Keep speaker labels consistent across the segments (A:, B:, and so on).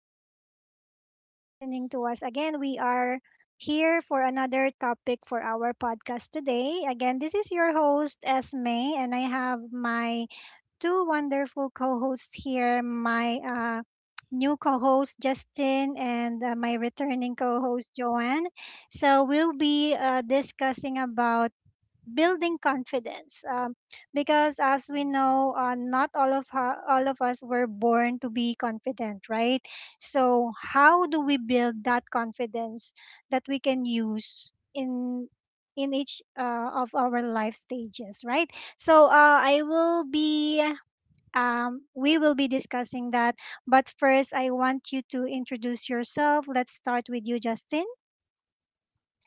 A: for listening to us again. We are here for another topic for our podcast today. Again, this is your host, Esme, and I have my two wonderful co hosts here, my new co host, Justin, and my returning co host, Joanne. So, we'll be discussing about building confidence, because as we know, not all of all of us were born to be confident, right? So how do we build that confidence that we can use in each of our life stages, right? So I will be we will be discussing that. But first, I want you to introduce yourself. Let's start with you, Justin.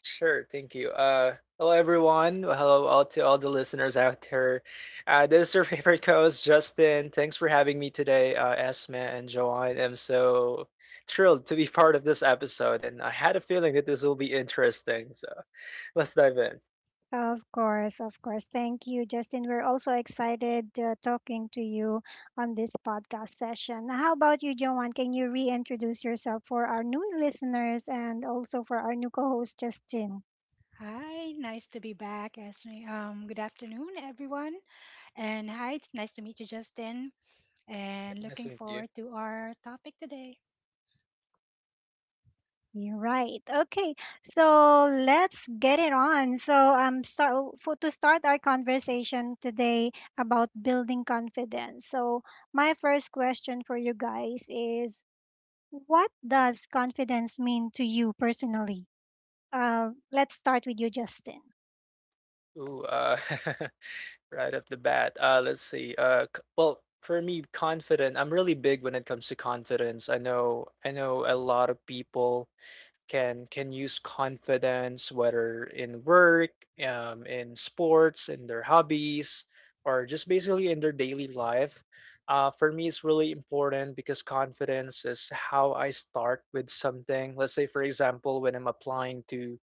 B: Sure, thank you. Hello, everyone. Hello, all to all the listeners out there. This is your favorite co-host, Justin. Thanks for having me today, Esme and Joanne. I'm so thrilled to be part of this episode, and I had a feeling that this will be interesting. So let's dive in.
A: Of course, of course. Thank you, Justin. We're also excited talking to you on this podcast session. How about you, Joanne? Can you reintroduce yourself for our new listeners and also for our new co host, Justin?
C: Hi, nice to be back, Esme. Good afternoon, everyone. And hi, it's nice to meet you, Justin. And
B: Nice to
C: looking
B: meet you.
C: forward to our topic today.
A: You're right. Okay, so let's get it on. So, to start our conversation today about building confidence. So, my first question for you guys is, what does confidence mean to you personally? Let's start with you, Justin.
B: Ooh, right off the bat. Let's see. Well, for me, confident. I'm really big when it comes to confidence. I know. I know a lot of people can use confidence, whether in work, in sports, in their hobbies, or just basically in their daily life. For me, it's really important because confidence is how I start with something. Let's say, for example, when I'm applying to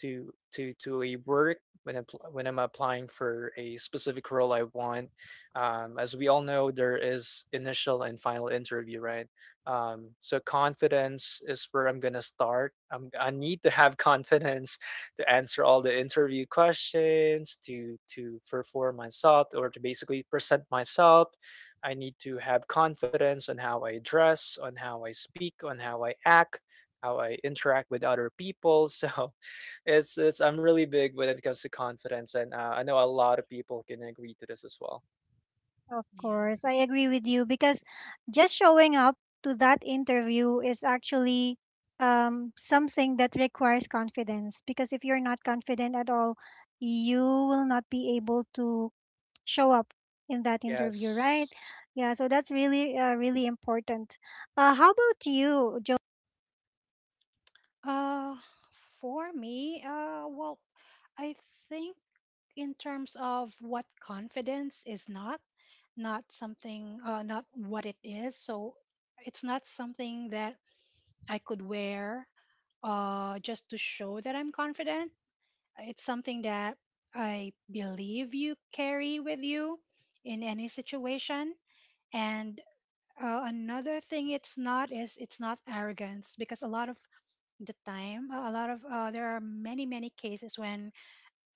B: to to to a work, when I'm applying for a specific role I want. As we all know, there is initial and final interview, right? So confidence is where I'm gonna start. I need to have confidence to answer all the interview questions, to perform myself, or to basically present myself. I need to have confidence on how I dress, on how I speak, on how I act, how I interact with other people. So it's I'm really big when it comes to confidence, and I know a lot of people can agree to this as well.
A: Of
C: Yeah.
A: course, I agree with you, because just showing up to that interview is actually something that requires confidence. Because if you're not confident at all, you will not be able to show up in that interview, right?
B: Yes.
A: Yeah, so that's really, really important. How about you, Joe?
C: Uh, for me, well, I think in terms of what confidence is not, not what it is. So it's not something that I could wear just to show that I'm confident. It's something that I believe you carry with you in any situation. And another thing it's not is it's not arrogance because a lot of the time, a lot of there are many cases when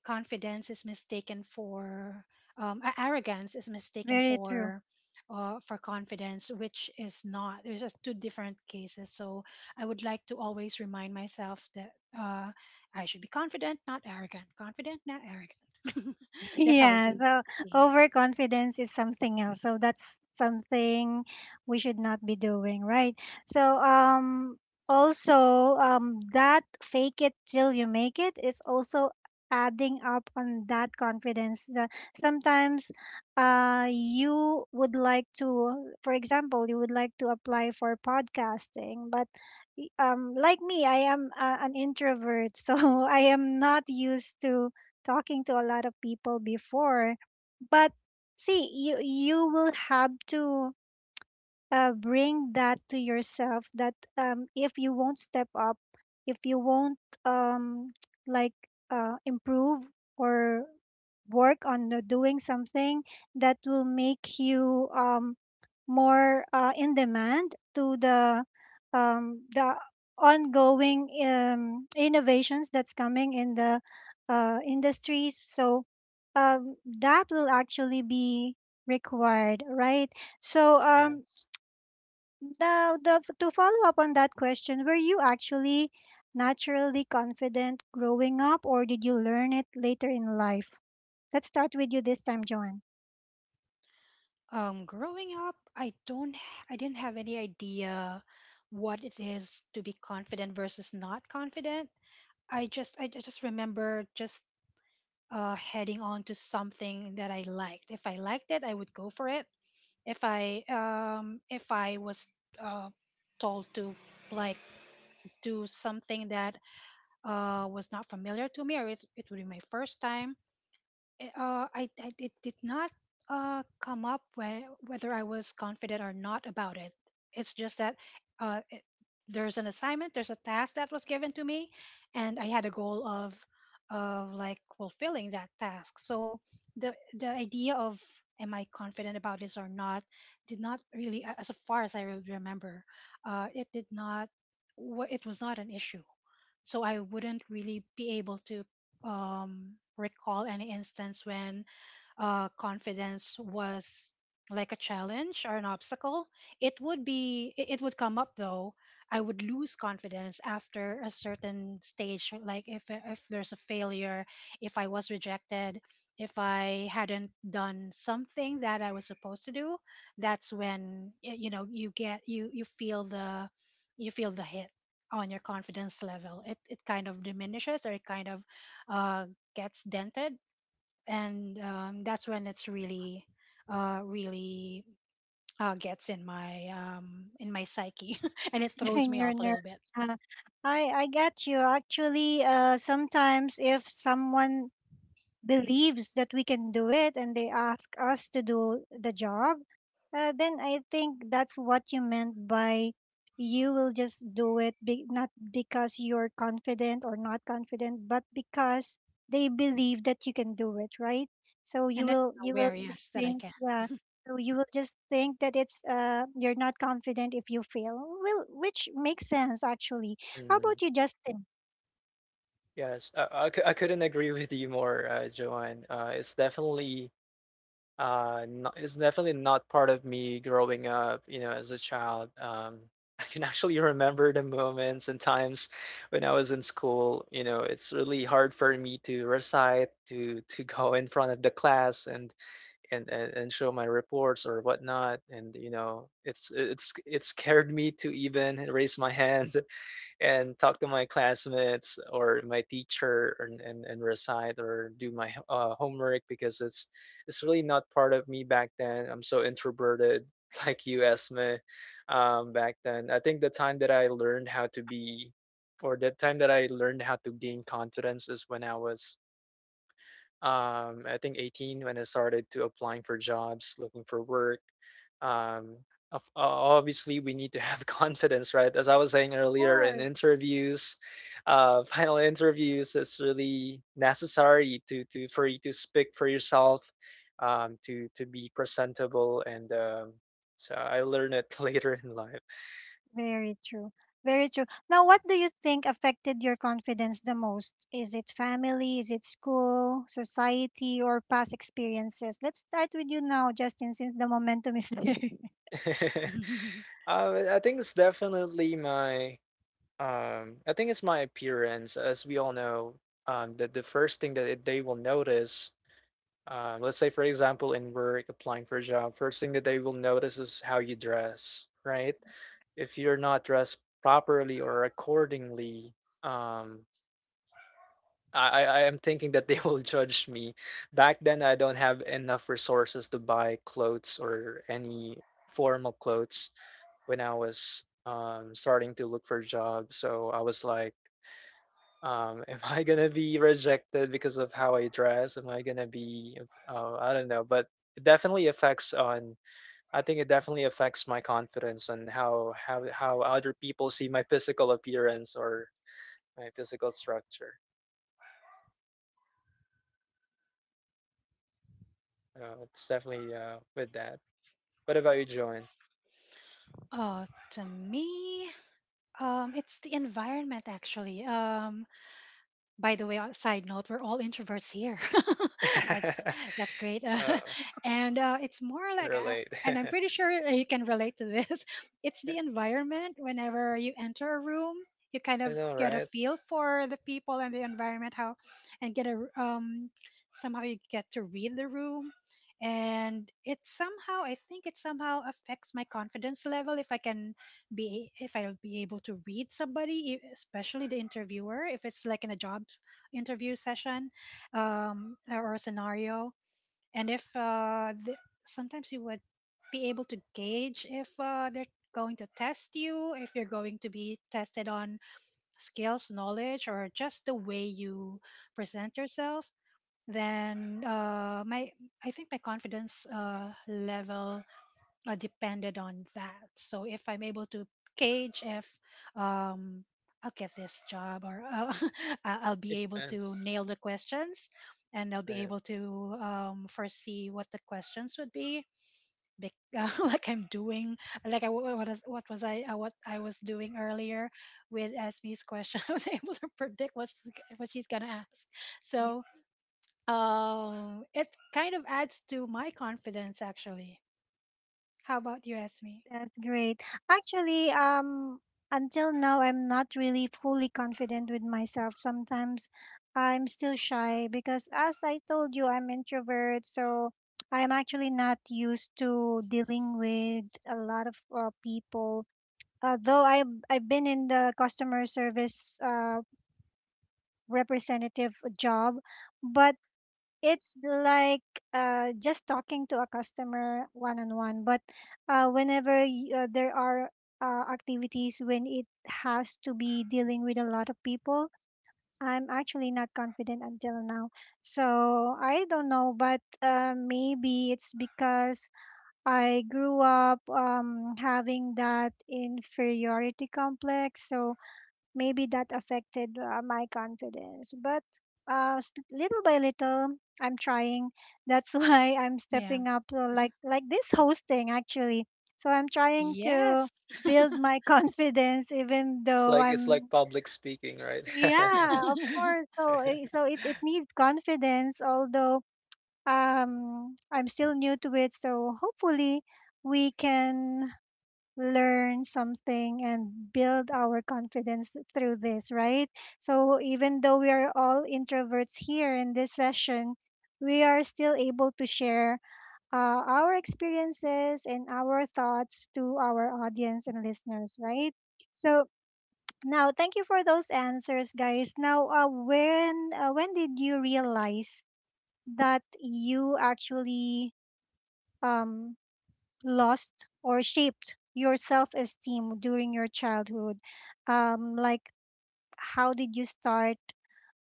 C: confidence is mistaken for arrogance is mistaken
A: Very true.
C: for confidence, which is not. There's just two different cases. So I would like to always remind myself that uh, I should be confident not arrogant, confident not arrogant. That's how i
A: Yeah,
C: see,
A: so
C: see it.
A: overconfidence is something else. So that's something we should not be doing, right? So, also, that fake it till you make it is also adding up on that confidence. Sometimes you would like to, for example, you would like to apply for podcasting, but like me, I am an introvert, so I am not used to talking to a lot of people before. But see, you will have to bring that to yourself, that if you won't step up, if you won't, um, like, improve or work on doing something that will make you more in demand to the um, the ongoing innovations that's coming in the industries. So that will actually be required, right? So
B: Yes.
A: the to follow up on that question, were you actually naturally confident growing up, or did you learn it later in life? Let's start with you this time, Joanne.
C: Growing up, I don't h- I didn't have any idea what it is to be confident versus not confident. I just remember just heading on to something that I liked. If I liked it, I would go for it. If I was uh, told to like do something that was not familiar to me, or it would be my first time, it, I it did not come up whether I was confident or not about it. It's just that uh, it, there's an assignment, there's a task that was given to me, and I had a goal of like fulfilling that task. So the idea of am I confident about this or not did not really, as far as I remember, it did not. It was not an issue. So I wouldn't really be able to recall any instance when confidence was like a challenge or an obstacle. It would be it would come up though. I would lose confidence after a certain stage, like if there's a failure, if I was rejected, if I hadn't done something that I was supposed to do, that's when you know you you feel the hit on your confidence level. It kind of diminishes or it kind of uh, gets dented, and that's when it's really uh really gets in my psyche and it throws
A: And
C: me
A: your
C: off a
A: nerve.
C: little bit.
A: Uh, I get you. Actually, sometimes if someone believes that we can do it and they ask us to do the job, then I think that's what you meant by, you will just do it, not because you're confident or not confident, but because they believe that you can do it, right? So you
C: And then
A: will
C: I'm
A: you will
C: aware,
A: just
C: yes, that I
A: think,
C: can.
A: yeah. So you will just think that it's you're not confident if you fail. Well, which makes sense actually. How
B: Mhm.
A: about you, Justin?
B: Yes. I couldn't agree with you more, Joanne. It's definitely, not it's definitely not part of me growing up, you know, as a child. I can actually remember the moments and times when I was in school. You know, it's really hard for me to recite, to go in front of the class and and show my reports or whatnot. And you know, it scared me to even raise my hand and talk to my classmates or my teacher, and recite or do my homework, because it's really not part of me back then. I'm so introverted like you, Esme. Back then, I think the time that I learned how to be, or the time that I learned how to gain confidence, is when I was, I think 18, when I started to applying for jobs, looking for work. Um, of- o- Obviously, we need to have confidence, right? As I was saying earlier, in
A: Sure.
B: interviews, final interviews, it's really necessary to for you to speak for yourself, to be presentable, and so I learned it later in life.
A: Very true. Very true. Now, what do you think affected your confidence the most? Is it family? Is it school, society, or past experiences? Let's start with you now, Justin, since the momentum is there.
B: I think it's definitely my. I think it's my appearance. As we all know, the first thing that they will notice, let's say, for example, in work, applying for a job, first thing that they will notice is how you dress, right? If you're not dressed properly or accordingly, um, I am thinking that they will judge me. Back then, I don't have enough resources to buy clothes or any formal clothes when I was, starting to look for a job. So I was like, am I gonna be rejected because of how I dress? Am I gonna be, I don't know, but it definitely affects on, I think it definitely affects my confidence and how other people see my physical appearance or my physical structure. It's definitely with that. What about you, Joan?
C: Oh, to me, it's the environment actually. By the way, side note, we're all introverts here. I just, that's great,
B: uh,
C: and it's more
B: can
C: like,
B: relate.
C: and I'm pretty sure you can relate to this. It's
B: Yeah,
C: the environment. Whenever you enter a room, you kind
B: I
C: of
B: know,
C: get a
B: right?
C: feel for the people and the environment, how, and somehow you get to read the room. And it somehow, I think it somehow affects my confidence level if I can be, if I'll be able to read somebody, especially the interviewer, if it's like in a job interview session or a scenario. And if sometimes you would be able to gauge if they're going to test you, if you're going to be tested on skills, knowledge, or just the way you present yourself. Then my I think my confidence level depended on that. So if I'm able to gauge if um, I'll get this job, or I'll be able to
B: Yes,
C: nail the questions and I'll be
B: right.
C: able to foresee what the questions would be, bec- like I'm doing, like I, what, is- what was I, what I was doing earlier with Esme's question. I was able to predict what she's gonna ask.
A: Yes.
C: So it kind of adds to my confidence, actually. How about you, Esme?
A: That's great. Actually, until now, I'm not really fully confident with myself. Sometimes I'm still shy because, as I told you, I'm introvert, so I'm actually not used to dealing with a lot of people, although I've been in the customer service representative job, but it's like, just talking to a customer one on one. But whenever there are activities when it has to be dealing with a lot of people, I'm actually not confident until now. So I don't know, but maybe it's because I grew up having that inferiority complex. So maybe that affected my confidence. But little by little, I'm trying. That's why I'm
C: Yeah.
A: stepping up, like this hosting actually. So I'm trying
C: Yes.
A: to build my confidence, even
B: It's
A: though
B: like it's like
A: I'm —
B: public speaking, right?
A: yeah, of course. So it needs confidence, although I'm still new to it. So hopefully we can learn something and build our confidence through this, right? So even though we are all introverts here in this session, we are still able to share our experiences and our thoughts to our audience and listeners, right? So now, thank you for those answers, guys. Now, when did you realize that you actually um lost or shaped your self esteem during your childhood? Like, how did you start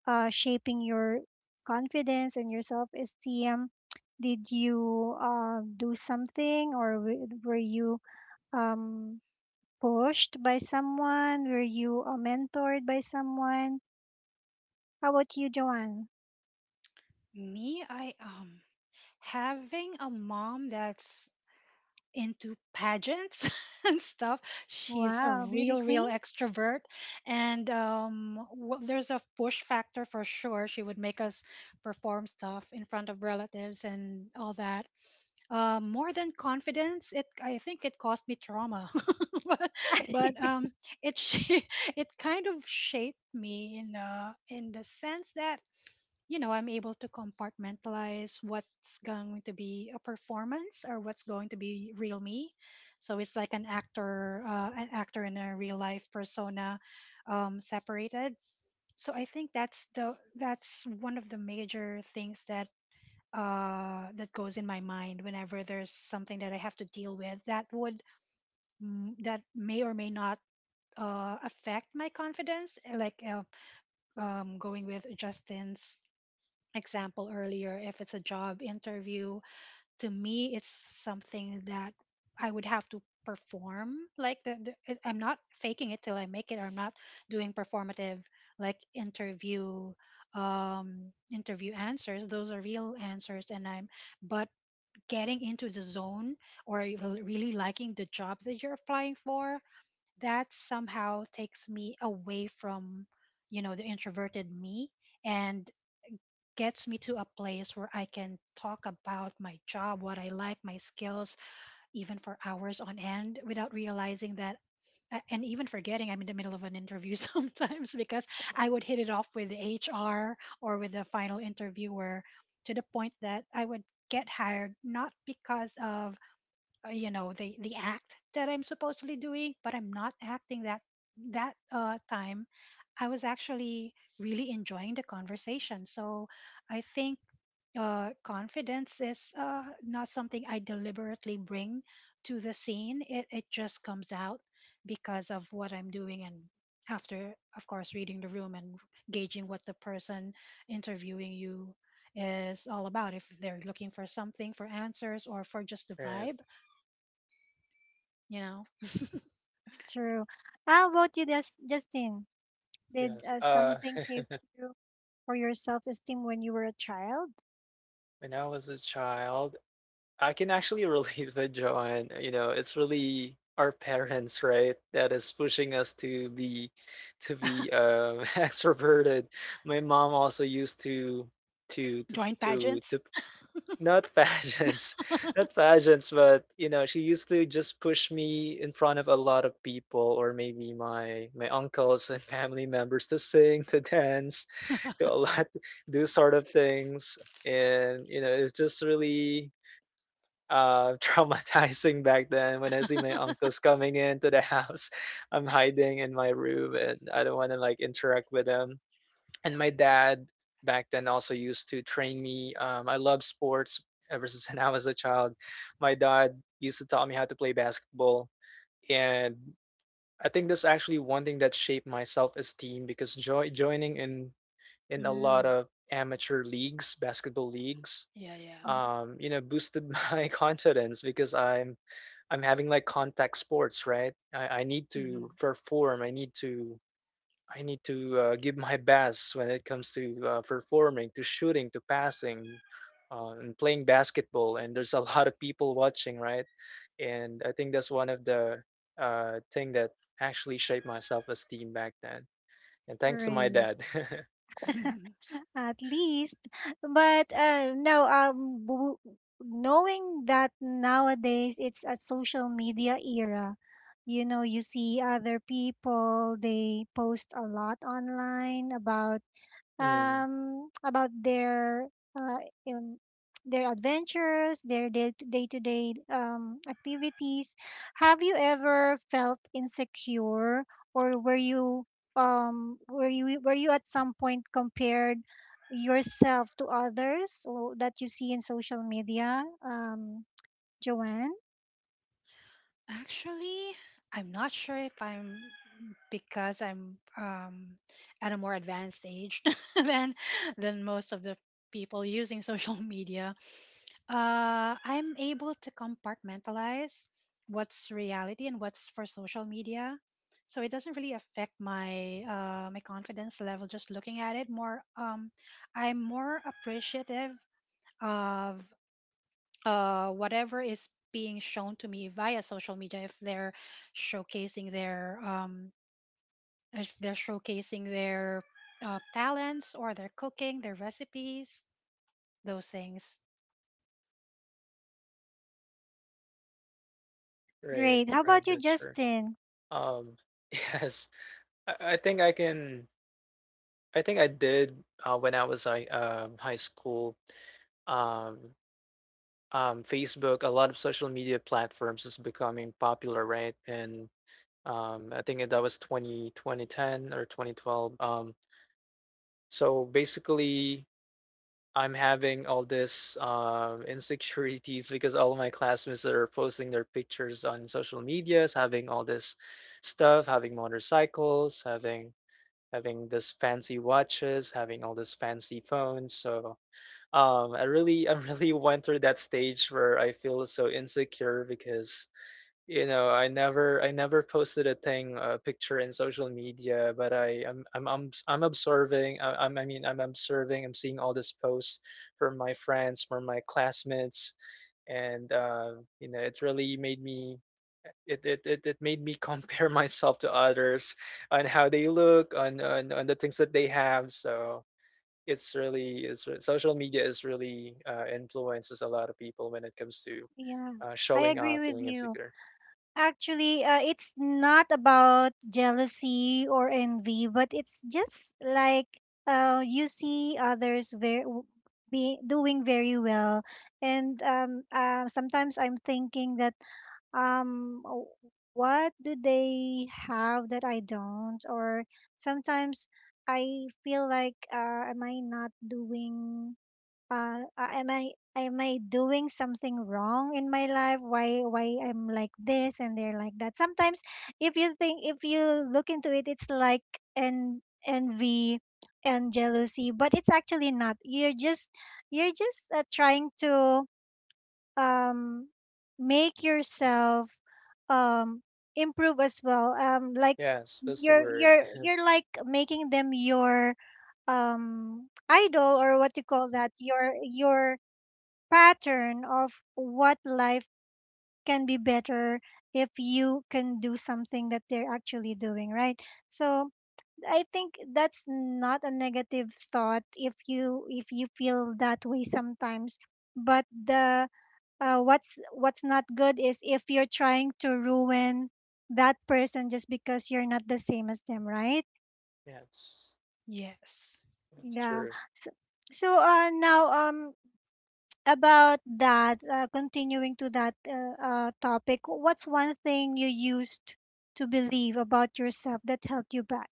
A: shaping your confidence and your self esteem? Did you do something, or were you um, pushed by someone? Were you mentored by someone? How about you, Joanne?
C: Me, I having a mom that's into pageants and stuff. She's a
A: Wow, beauty
C: real, real
A: queen.
C: extrovert, and there's a push factor for sure. She would make us perform stuff in front of relatives and all that. More than confidence, it, I think it caused me trauma, but, but um, it sh- it kind of shaped me in the sense that, you know, I'm able to compartmentalize what's going to be a performance or what's going to be real me. So it's like an actor in a real life persona, separated. So I think that's the that's one of the major things that that goes in my mind whenever there's something that I have to deal with that would that may or may not affect my confidence, like going with Justin's example earlier, if it's a job interview, to me, it's something that I would have to perform. Like I'm not faking it till I make it. I'm not doing performative like interview answers. Those are real answers, and I'm but getting into the zone, or really liking the job that you're applying for, that somehow takes me away from, you know, the introverted me, and gets me to a place where I can talk about my job, what I like, my skills, even for hours on end without realizing that. And even forgetting I'm in the middle of an interview sometimes, because I would hit it off with the HR or with the final interviewer to the point that I would get hired not because of you know the act that I'm supposedly doing, but I'm not acting that time. I was actually really enjoying the conversation. So I think confidence is not something I deliberately bring to the scene. It just comes out because of what I'm doing, and after, of course, reading the room, and gauging what the person interviewing you is all about. If they're looking for something, for answers, or for just the
B: Right.
C: vibe, you know?
A: That's true. How about you, Justin? Did
B: Yes.
A: something shape you, or your self esteem when you were a child?
B: When I was a child, I can actually relate with John. You know, it's really our parents, right, that is pushing us to be extroverted. My mom also used to to to
C: Join
B: to to
C: pageants?
B: not pageants, not pageants, but you know, she used to just push me in front of a lot of people, or maybe my uncles and family members to sing, to dance, to a lot, do sort of things, and you know, it's just really traumatizing back then when I see my uncles coming into the house. I'm hiding in my room, and I don't want to like interact with them, and my dad back then also used to train me. I love sports ever since I was a child. My dad used to tell me how to play basketball, and I think that's actually one thing that shaped my self-esteem, because joining in a lot
C: Mm,
B: of amateur leagues, basketball leagues,
C: yeah, yeah.
B: boosted my confidence, because I'm having like contact sports, right? I need to
C: Mhm.
B: perform. I need to give my best when it comes to performing, to shooting, to passing, and playing basketball. And there's a lot of people watching, right? And I think that's one of the thing that actually shaped my self-esteem back then. And thanks to my
A: Great.
B: dad.
A: At least, but no, knowing that nowadays it's a social media era, you see other people, they post a lot online about,
B: Mm,
A: um, about their uh, yun, their adventures, their day to day activities. Have you ever felt insecure, or were you at some point compared yourself to others or that you see in social media? Joanne.
C: Actually, I'm not sure if I'm, because I'm at a more advanced age than than most of the people using social media. I'm able to compartmentalize what's reality and what's for social media. So it doesn't really affect my my confidence level just looking at it. More, I'm more appreciative of whatever is being shown to me via social media. If they're showcasing their if they're showcasing their talents or their cooking, their recipes, those things.
B: right,
A: Great. How
B: right,
A: about you,
B: that's true.
A: Justin?
B: Um, yes, I think I can. I think I did when I was like high school. Um, Facebook, a lot of social media platforms is becoming popular, right? And I think that was 20 2010 or 2012. So basically, I'm having all this insecurities, because all my classmates are posting their pictures on social medias, having all this stuff, having motorcycles, having this fancy watches, having all this fancy phones. So I really I really went through that stage where I feel so insecure because, you know, I never posted a thing, a picture in social media, but I'm observing. I mean I'm observing. I'm seeing all these posts from my friends, from my classmates, and it really made me, it made me compare myself to others, on how they look, on the things that they have. So it's really it's re- social media is really influences a lot of people when it comes to
A: Yeah, I
B: showing
A: agree
B: off,
A: with
B: feeling
A: you.
B: insecure.
A: Actually, it's not about jealousy or envy, but it's just like, you see others very, be doing very well, and sometimes I'm thinking that, um w- what do they have that I don't? Or sometimes I feel like, am I not doing, am I doing something wrong in my life? Why I'm like this and they're like that? Sometimes if you think if you look into it, it's like an envy and jealousy, but it's actually not. You're just trying to, um make yourself, um improve as well, like,
B: Yes, that's the
A: you're
B: word.
A: you're you're like making them your, idol, or what you call that, your pattern of what life can be better if you can do something that they're actually doing, right? So I think that's not a negative thought if you feel that way sometimes. But the what's not good is if you're trying to ruin that person just because you're not the same as them, right?
B: Yes,
C: Yes.
B: that's
A: Yeah,
B: true.
A: so now, about that, continuing to that, topic, what's one thing you used to believe about yourself that held you back,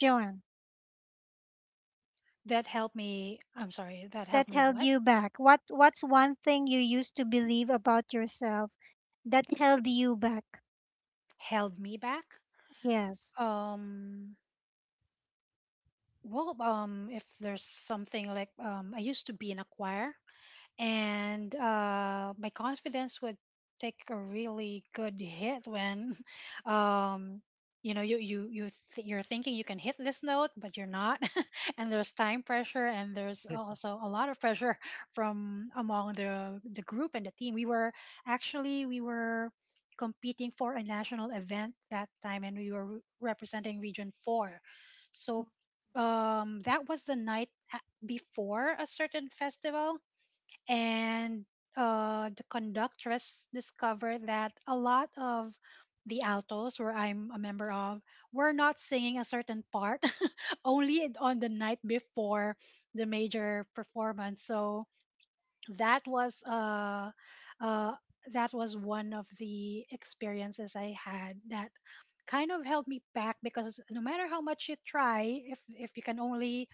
A: Joanne?
C: That helped me, I'm sorry, that helped
A: That
C: me
A: held
C: what?
A: you back, what's one thing you used to believe about yourself that held you back?
C: Held me back?
A: Yes,
C: Um well um if there's something like, I used to be in a choir, and my confidence would take a really good hit when um, you know you're thinking you can hit this note, but you're not, and there's time pressure, and there's also a lot of pressure from among the group and the team. We were actually, we were competing for a national event that time, and we were representing region 4. So that was the night before a certain festival. And the conductress discovered that a lot of the altos, where I'm a member of, were not singing a certain part only on the night before the major performance. So that was uh, uh, that was one of the experiences I had that kind of held me back, because no matter how much you try, if you can only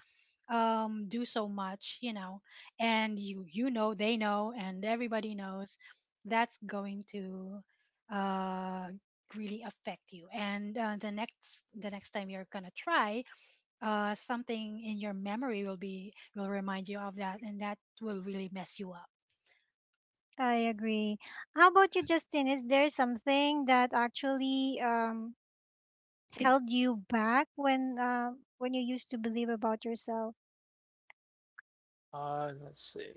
C: do so much, you know, and you know, they know, and everybody knows, that's going to uh really affect you. And the next time you're gonna try something in your memory, will be, will remind you of that, and that will really mess you up.
A: I agree. How about you, Justin? Is there something that actually, held you back when when you used to believe about yourself?
B: Let's see.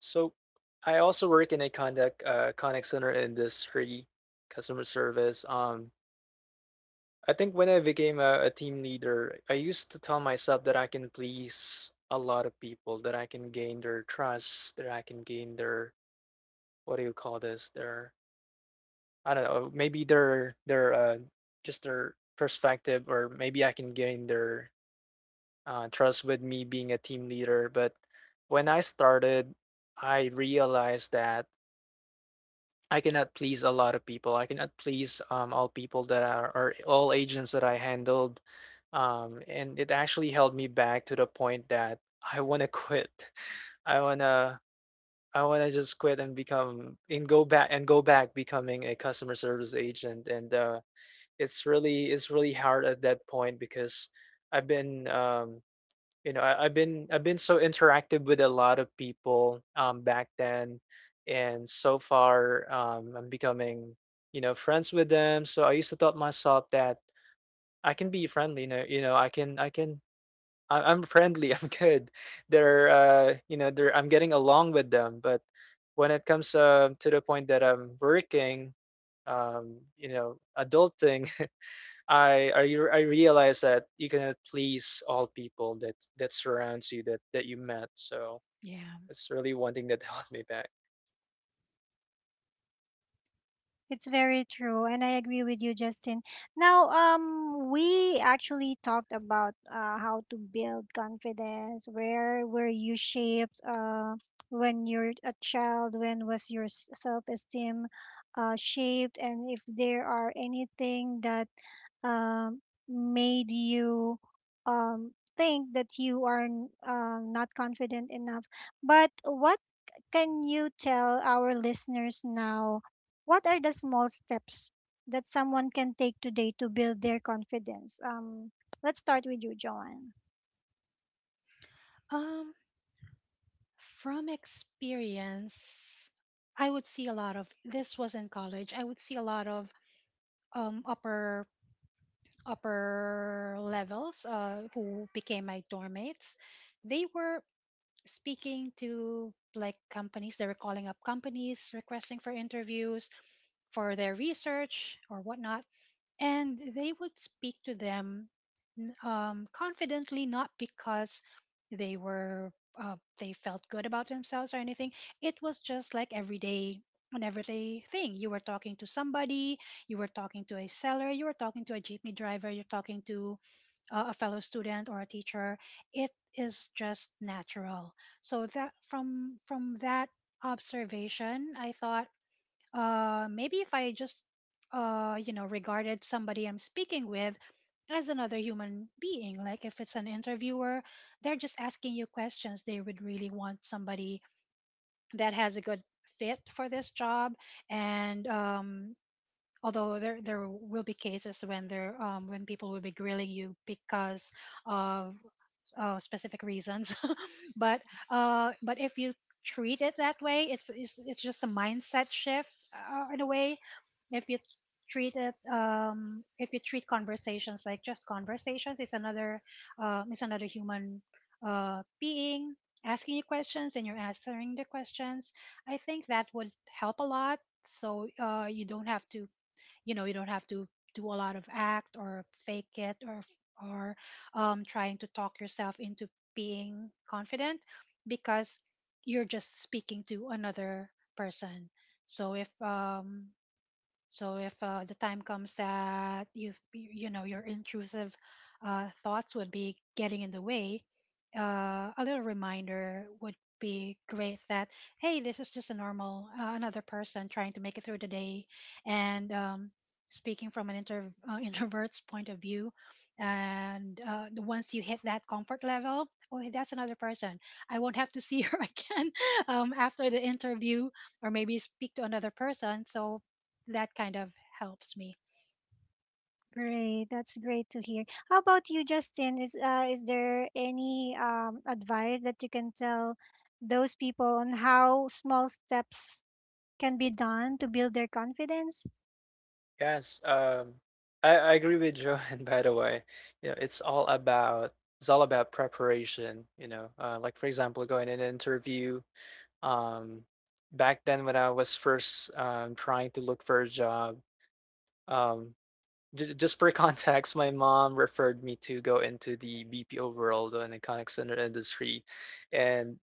B: So I also work in a contact center industry, customer service. I think, when I became a team leader, I used to tell myself that I can please a lot of people, that I can gain their trust, that I can gain their, what do you call this, their, I don't know, maybe their just their perspective, or maybe I can gain their trust with me being a team leader. But when I started, I realized that I cannot please a lot of people. I cannot please, all people that are, or all agents that I handled. And it actually held me back to the point that I want to quit. I want to I want to just quit, and become and go back becoming a customer service agent, and it's really hard at that point, because I've been, I've been so interactive with a lot of people, back then, and so far, I'm becoming, you know, friends with them. So I used to thought myself that I can be friendly. I'm friendly, I'm good. They're you know they're I'm getting along with them, but when it comes, to the point that I'm working, adulting, I realize that you cannot please all people that surrounds you, that you met. So
C: Yeah.
B: that's really one thing that held me back.
A: It's very true, and I agree with you, Justin. Now, we actually talked about how to build confidence. Where were you shaped when you're a child? When was your self esteem shaped? And if there are anything that um, made you um, think that you are not confident enough. But what can you tell our listeners now? What are the small steps that someone can take today to build their confidence? Let's start with you, Joanne.
C: um from experience, I would see a lot of, this was in college, I would see a lot of um upper upper levels who became my dorm mates. They were speaking to like companies. They were calling up companies, requesting for interviews for their research or whatnot, and they would speak to them confidently, not because they were they felt good about themselves or anything. It was just like everyday, an everyday thing. You were talking to somebody, you were talking to a seller, you were talking to a jeepney driver, you're talking to a fellow student or a teacher. It is just natural. So that, from that observation, I thought maybe if I just, you know, regarded somebody I'm speaking with as another human being. Like if it's an interviewer, they're just asking you questions. They would really want somebody that has a good fit for this job. And Although there will be cases when there when people will be grilling you because of specific reasons but but if you treat it that way it's just a mindset shift in a way if you treat it, if you treat conversations like just conversations it's another human being asking you questions, and you're answering the questions. I think that would help a lot. So you don't have to, you don't have to do a lot of act or fake it, or trying to talk yourself into being confident, because you're just speaking to another person. So if so if the time comes that you know your intrusive thoughts would be getting in the way, a little reminder would be great that hey, this is just a normal another person trying to make it through the day, and speaking from an introvert's point of view, and once you hit that comfort level, oh, hey, that's another person. I won't have to see her again after the interview, or maybe speak to another person. So that kind of helps me.
A: Great, that's great to hear. How about you, Justin? Is there any advice that you can tell those people on how small steps can be done to build their confidence?
B: Yes, I agree with Joanne. By the way, you know, it's all about preparation. You know, like for example, going in an interview. Um, Back then, when I was first, trying to look for a job, um, J just for context, my mom referred me to go into the BPO world and the contact center industry, and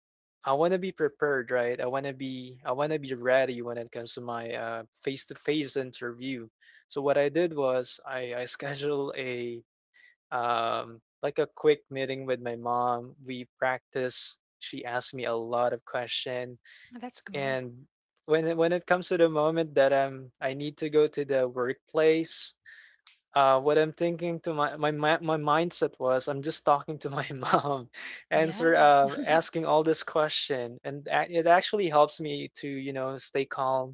B: I wanna be prepared, right? I wanna be ready when it comes to my face-to-face interview. So what I did was I scheduled a like a quick meeting with my mom. We practiced. She asked me a lot of question,
C: Oh, that's good.
B: and when it comes to the moment that I need to go to the workplace, what I'm thinking to my mindset was, I'm just talking to my mom, answer
C: Yeah,
B: asking all this question, and it actually helps me to stay calm,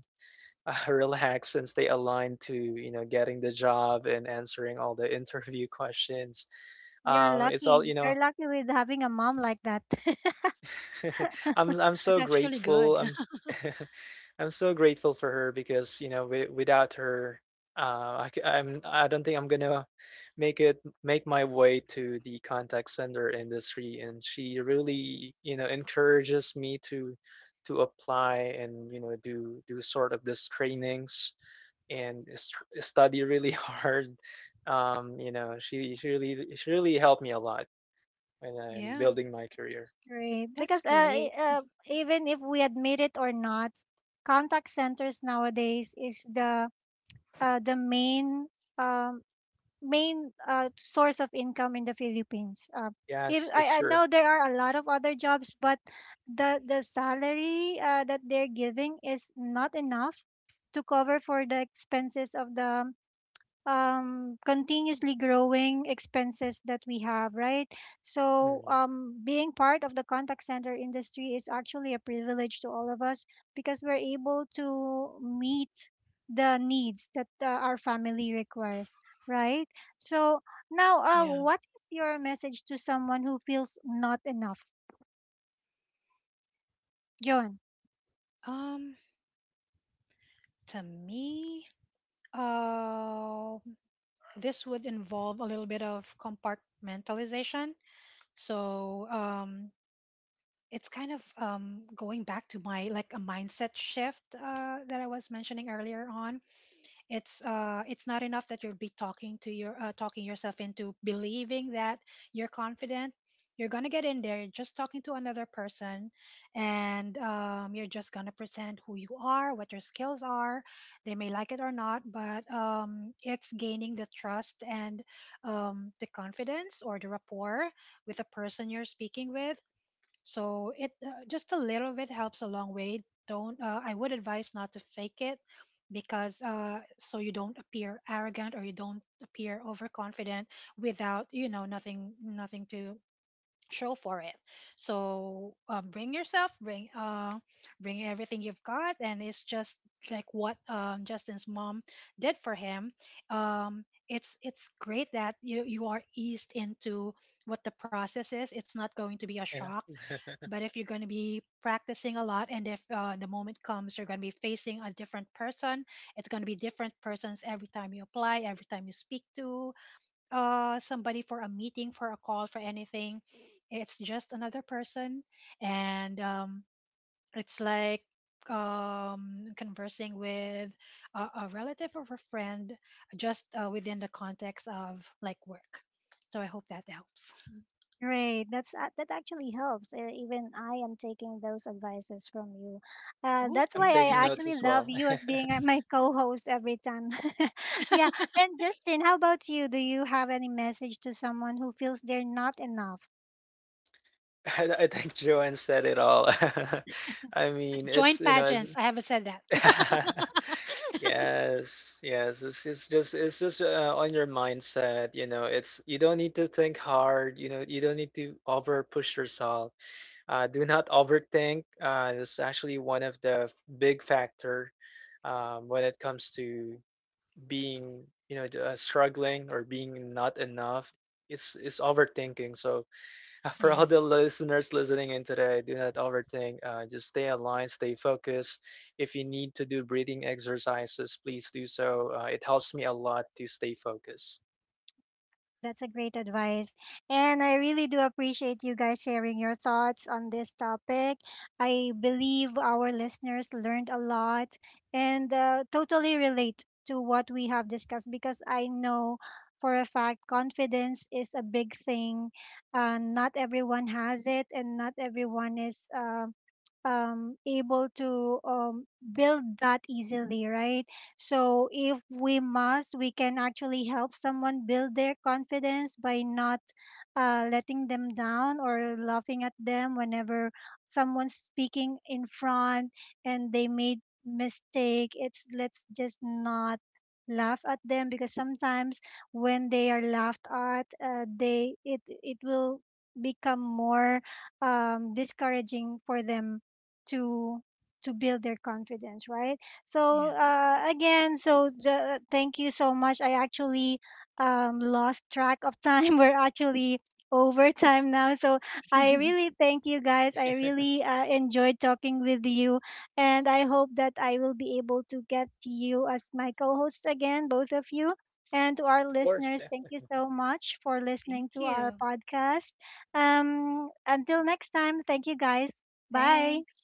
B: relax, and stay aligned to getting the job, and answering all the interview questions.
A: You're
B: It's all
A: lucky.
B: you know
A: You're lucky with having a mom like that.
B: I'm
C: that's
B: so
C: actually
B: grateful.
C: good.
B: I'm I'm so grateful for her, because without her, I don't think I'm gonna make my way to the contact center industry. And she really encourages me to apply, and do sort of this trainings, and study really hard. She really helped me a lot when I'm
C: Yeah,
B: building my career.
A: Right.
C: that's
A: Because
C: great.
A: even if we admit it or not, contact centers nowadays is the main, um, main source of income in the Philippines. If
B: Yes, that's
A: I, I
B: true.
A: know there are a lot of other jobs, but the salary that they're giving is not enough to cover for the expenses of the, continuously growing expenses that we have, right? So,
B: Mm,
A: being part of the contact center industry is actually a privilege to all of us, because we're able to meet the needs that our family requires, right? So, now,
C: Yeah.
A: what is your message to someone who feels not enough? Joan.
C: Um, to me, uh, this would involve a little bit of compartmentalization. So, it's kind of going back to my, like, a mindset shift that I was mentioning earlier on. It's not enough that you'll be talking to your talking yourself into believing that you're confident. You're gonna get in there, you're just talking to another person, and you're just gonna present who you are, what your skills are. They may like it or not, but it's gaining the trust and the confidence or the rapport with the person you're speaking with. So it, just a little bit helps a long way. Don't, I would advise not to fake it, because so you don't appear arrogant or you don't appear overconfident without, you know, nothing to show for it. So bring yourself, bring everything you've got, and it's just like what, Justin's mom did for him. It's great that you are eased into what the process is. It's not going to be a
B: you know,
C: shock, but if you're going to be practicing a lot, and if the moment comes, you're going to be facing a different person. It's going to be different persons every time you apply, every time you speak to somebody for a meeting, for a call, for anything. It's just another person. And It's like conversing with a relative or a friend, just within the context of, like, work. So I hope that helps.
A: Right, that's that actually helps. Even I am taking those advices from you.
C: Oh,
A: That's why
B: I'm
A: I
C: thanks.
B: taking notes
A: actually
B: as
A: love
B: well.
A: you as being my co-host every time. Yeah. And Justin, how about you? Do you have any message to someone who feels they're not enough?
B: I think Joanne said it all. I mean, it's,
C: Joint
B: you know, it's
C: pageants. I haven't said that.
B: Yes, yes. It's just on your mindset, you know. It's, you don't need to think hard, you know. You don't need to over push yourself. Do not overthink. It's actually one of the big factor when it comes to being, struggling, or being not enough. It's overthinking. So for all the
C: Yes.
B: listeners listening in today, do not overthink. Just stay aligned, stay focused. If you need to do breathing exercises, please do so. It helps me a lot to stay focused.
A: That's a great advice. And I really do appreciate you guys sharing your thoughts on this topic. I believe our listeners learned a lot and totally relate to what we have discussed, because I know for a fact confidence is a big thing. Not everyone has it, and not everyone is, able to, build that easily, right? So if we must, we can actually help someone build their confidence by not letting them down or laughing at them whenever someone's speaking in front and they made mistake. It's let's just not laugh at them, because sometimes when they are laughed at, they it it will become more, discouraging for them to to build their confidence, right? So
C: Yeah.
A: again, thank you so much. I actually lost track of time. We're actually over time now. So I
C: Thank
A: really thank you guys. I really enjoyed talking with you. And I hope that I will be able to get you as my co hosts again, both of you. And to our
B: Of course.
A: listeners, thank you so much for listening to our
C: you.
A: podcast. Until next time, thank you guys. Bye.
C: Thanks.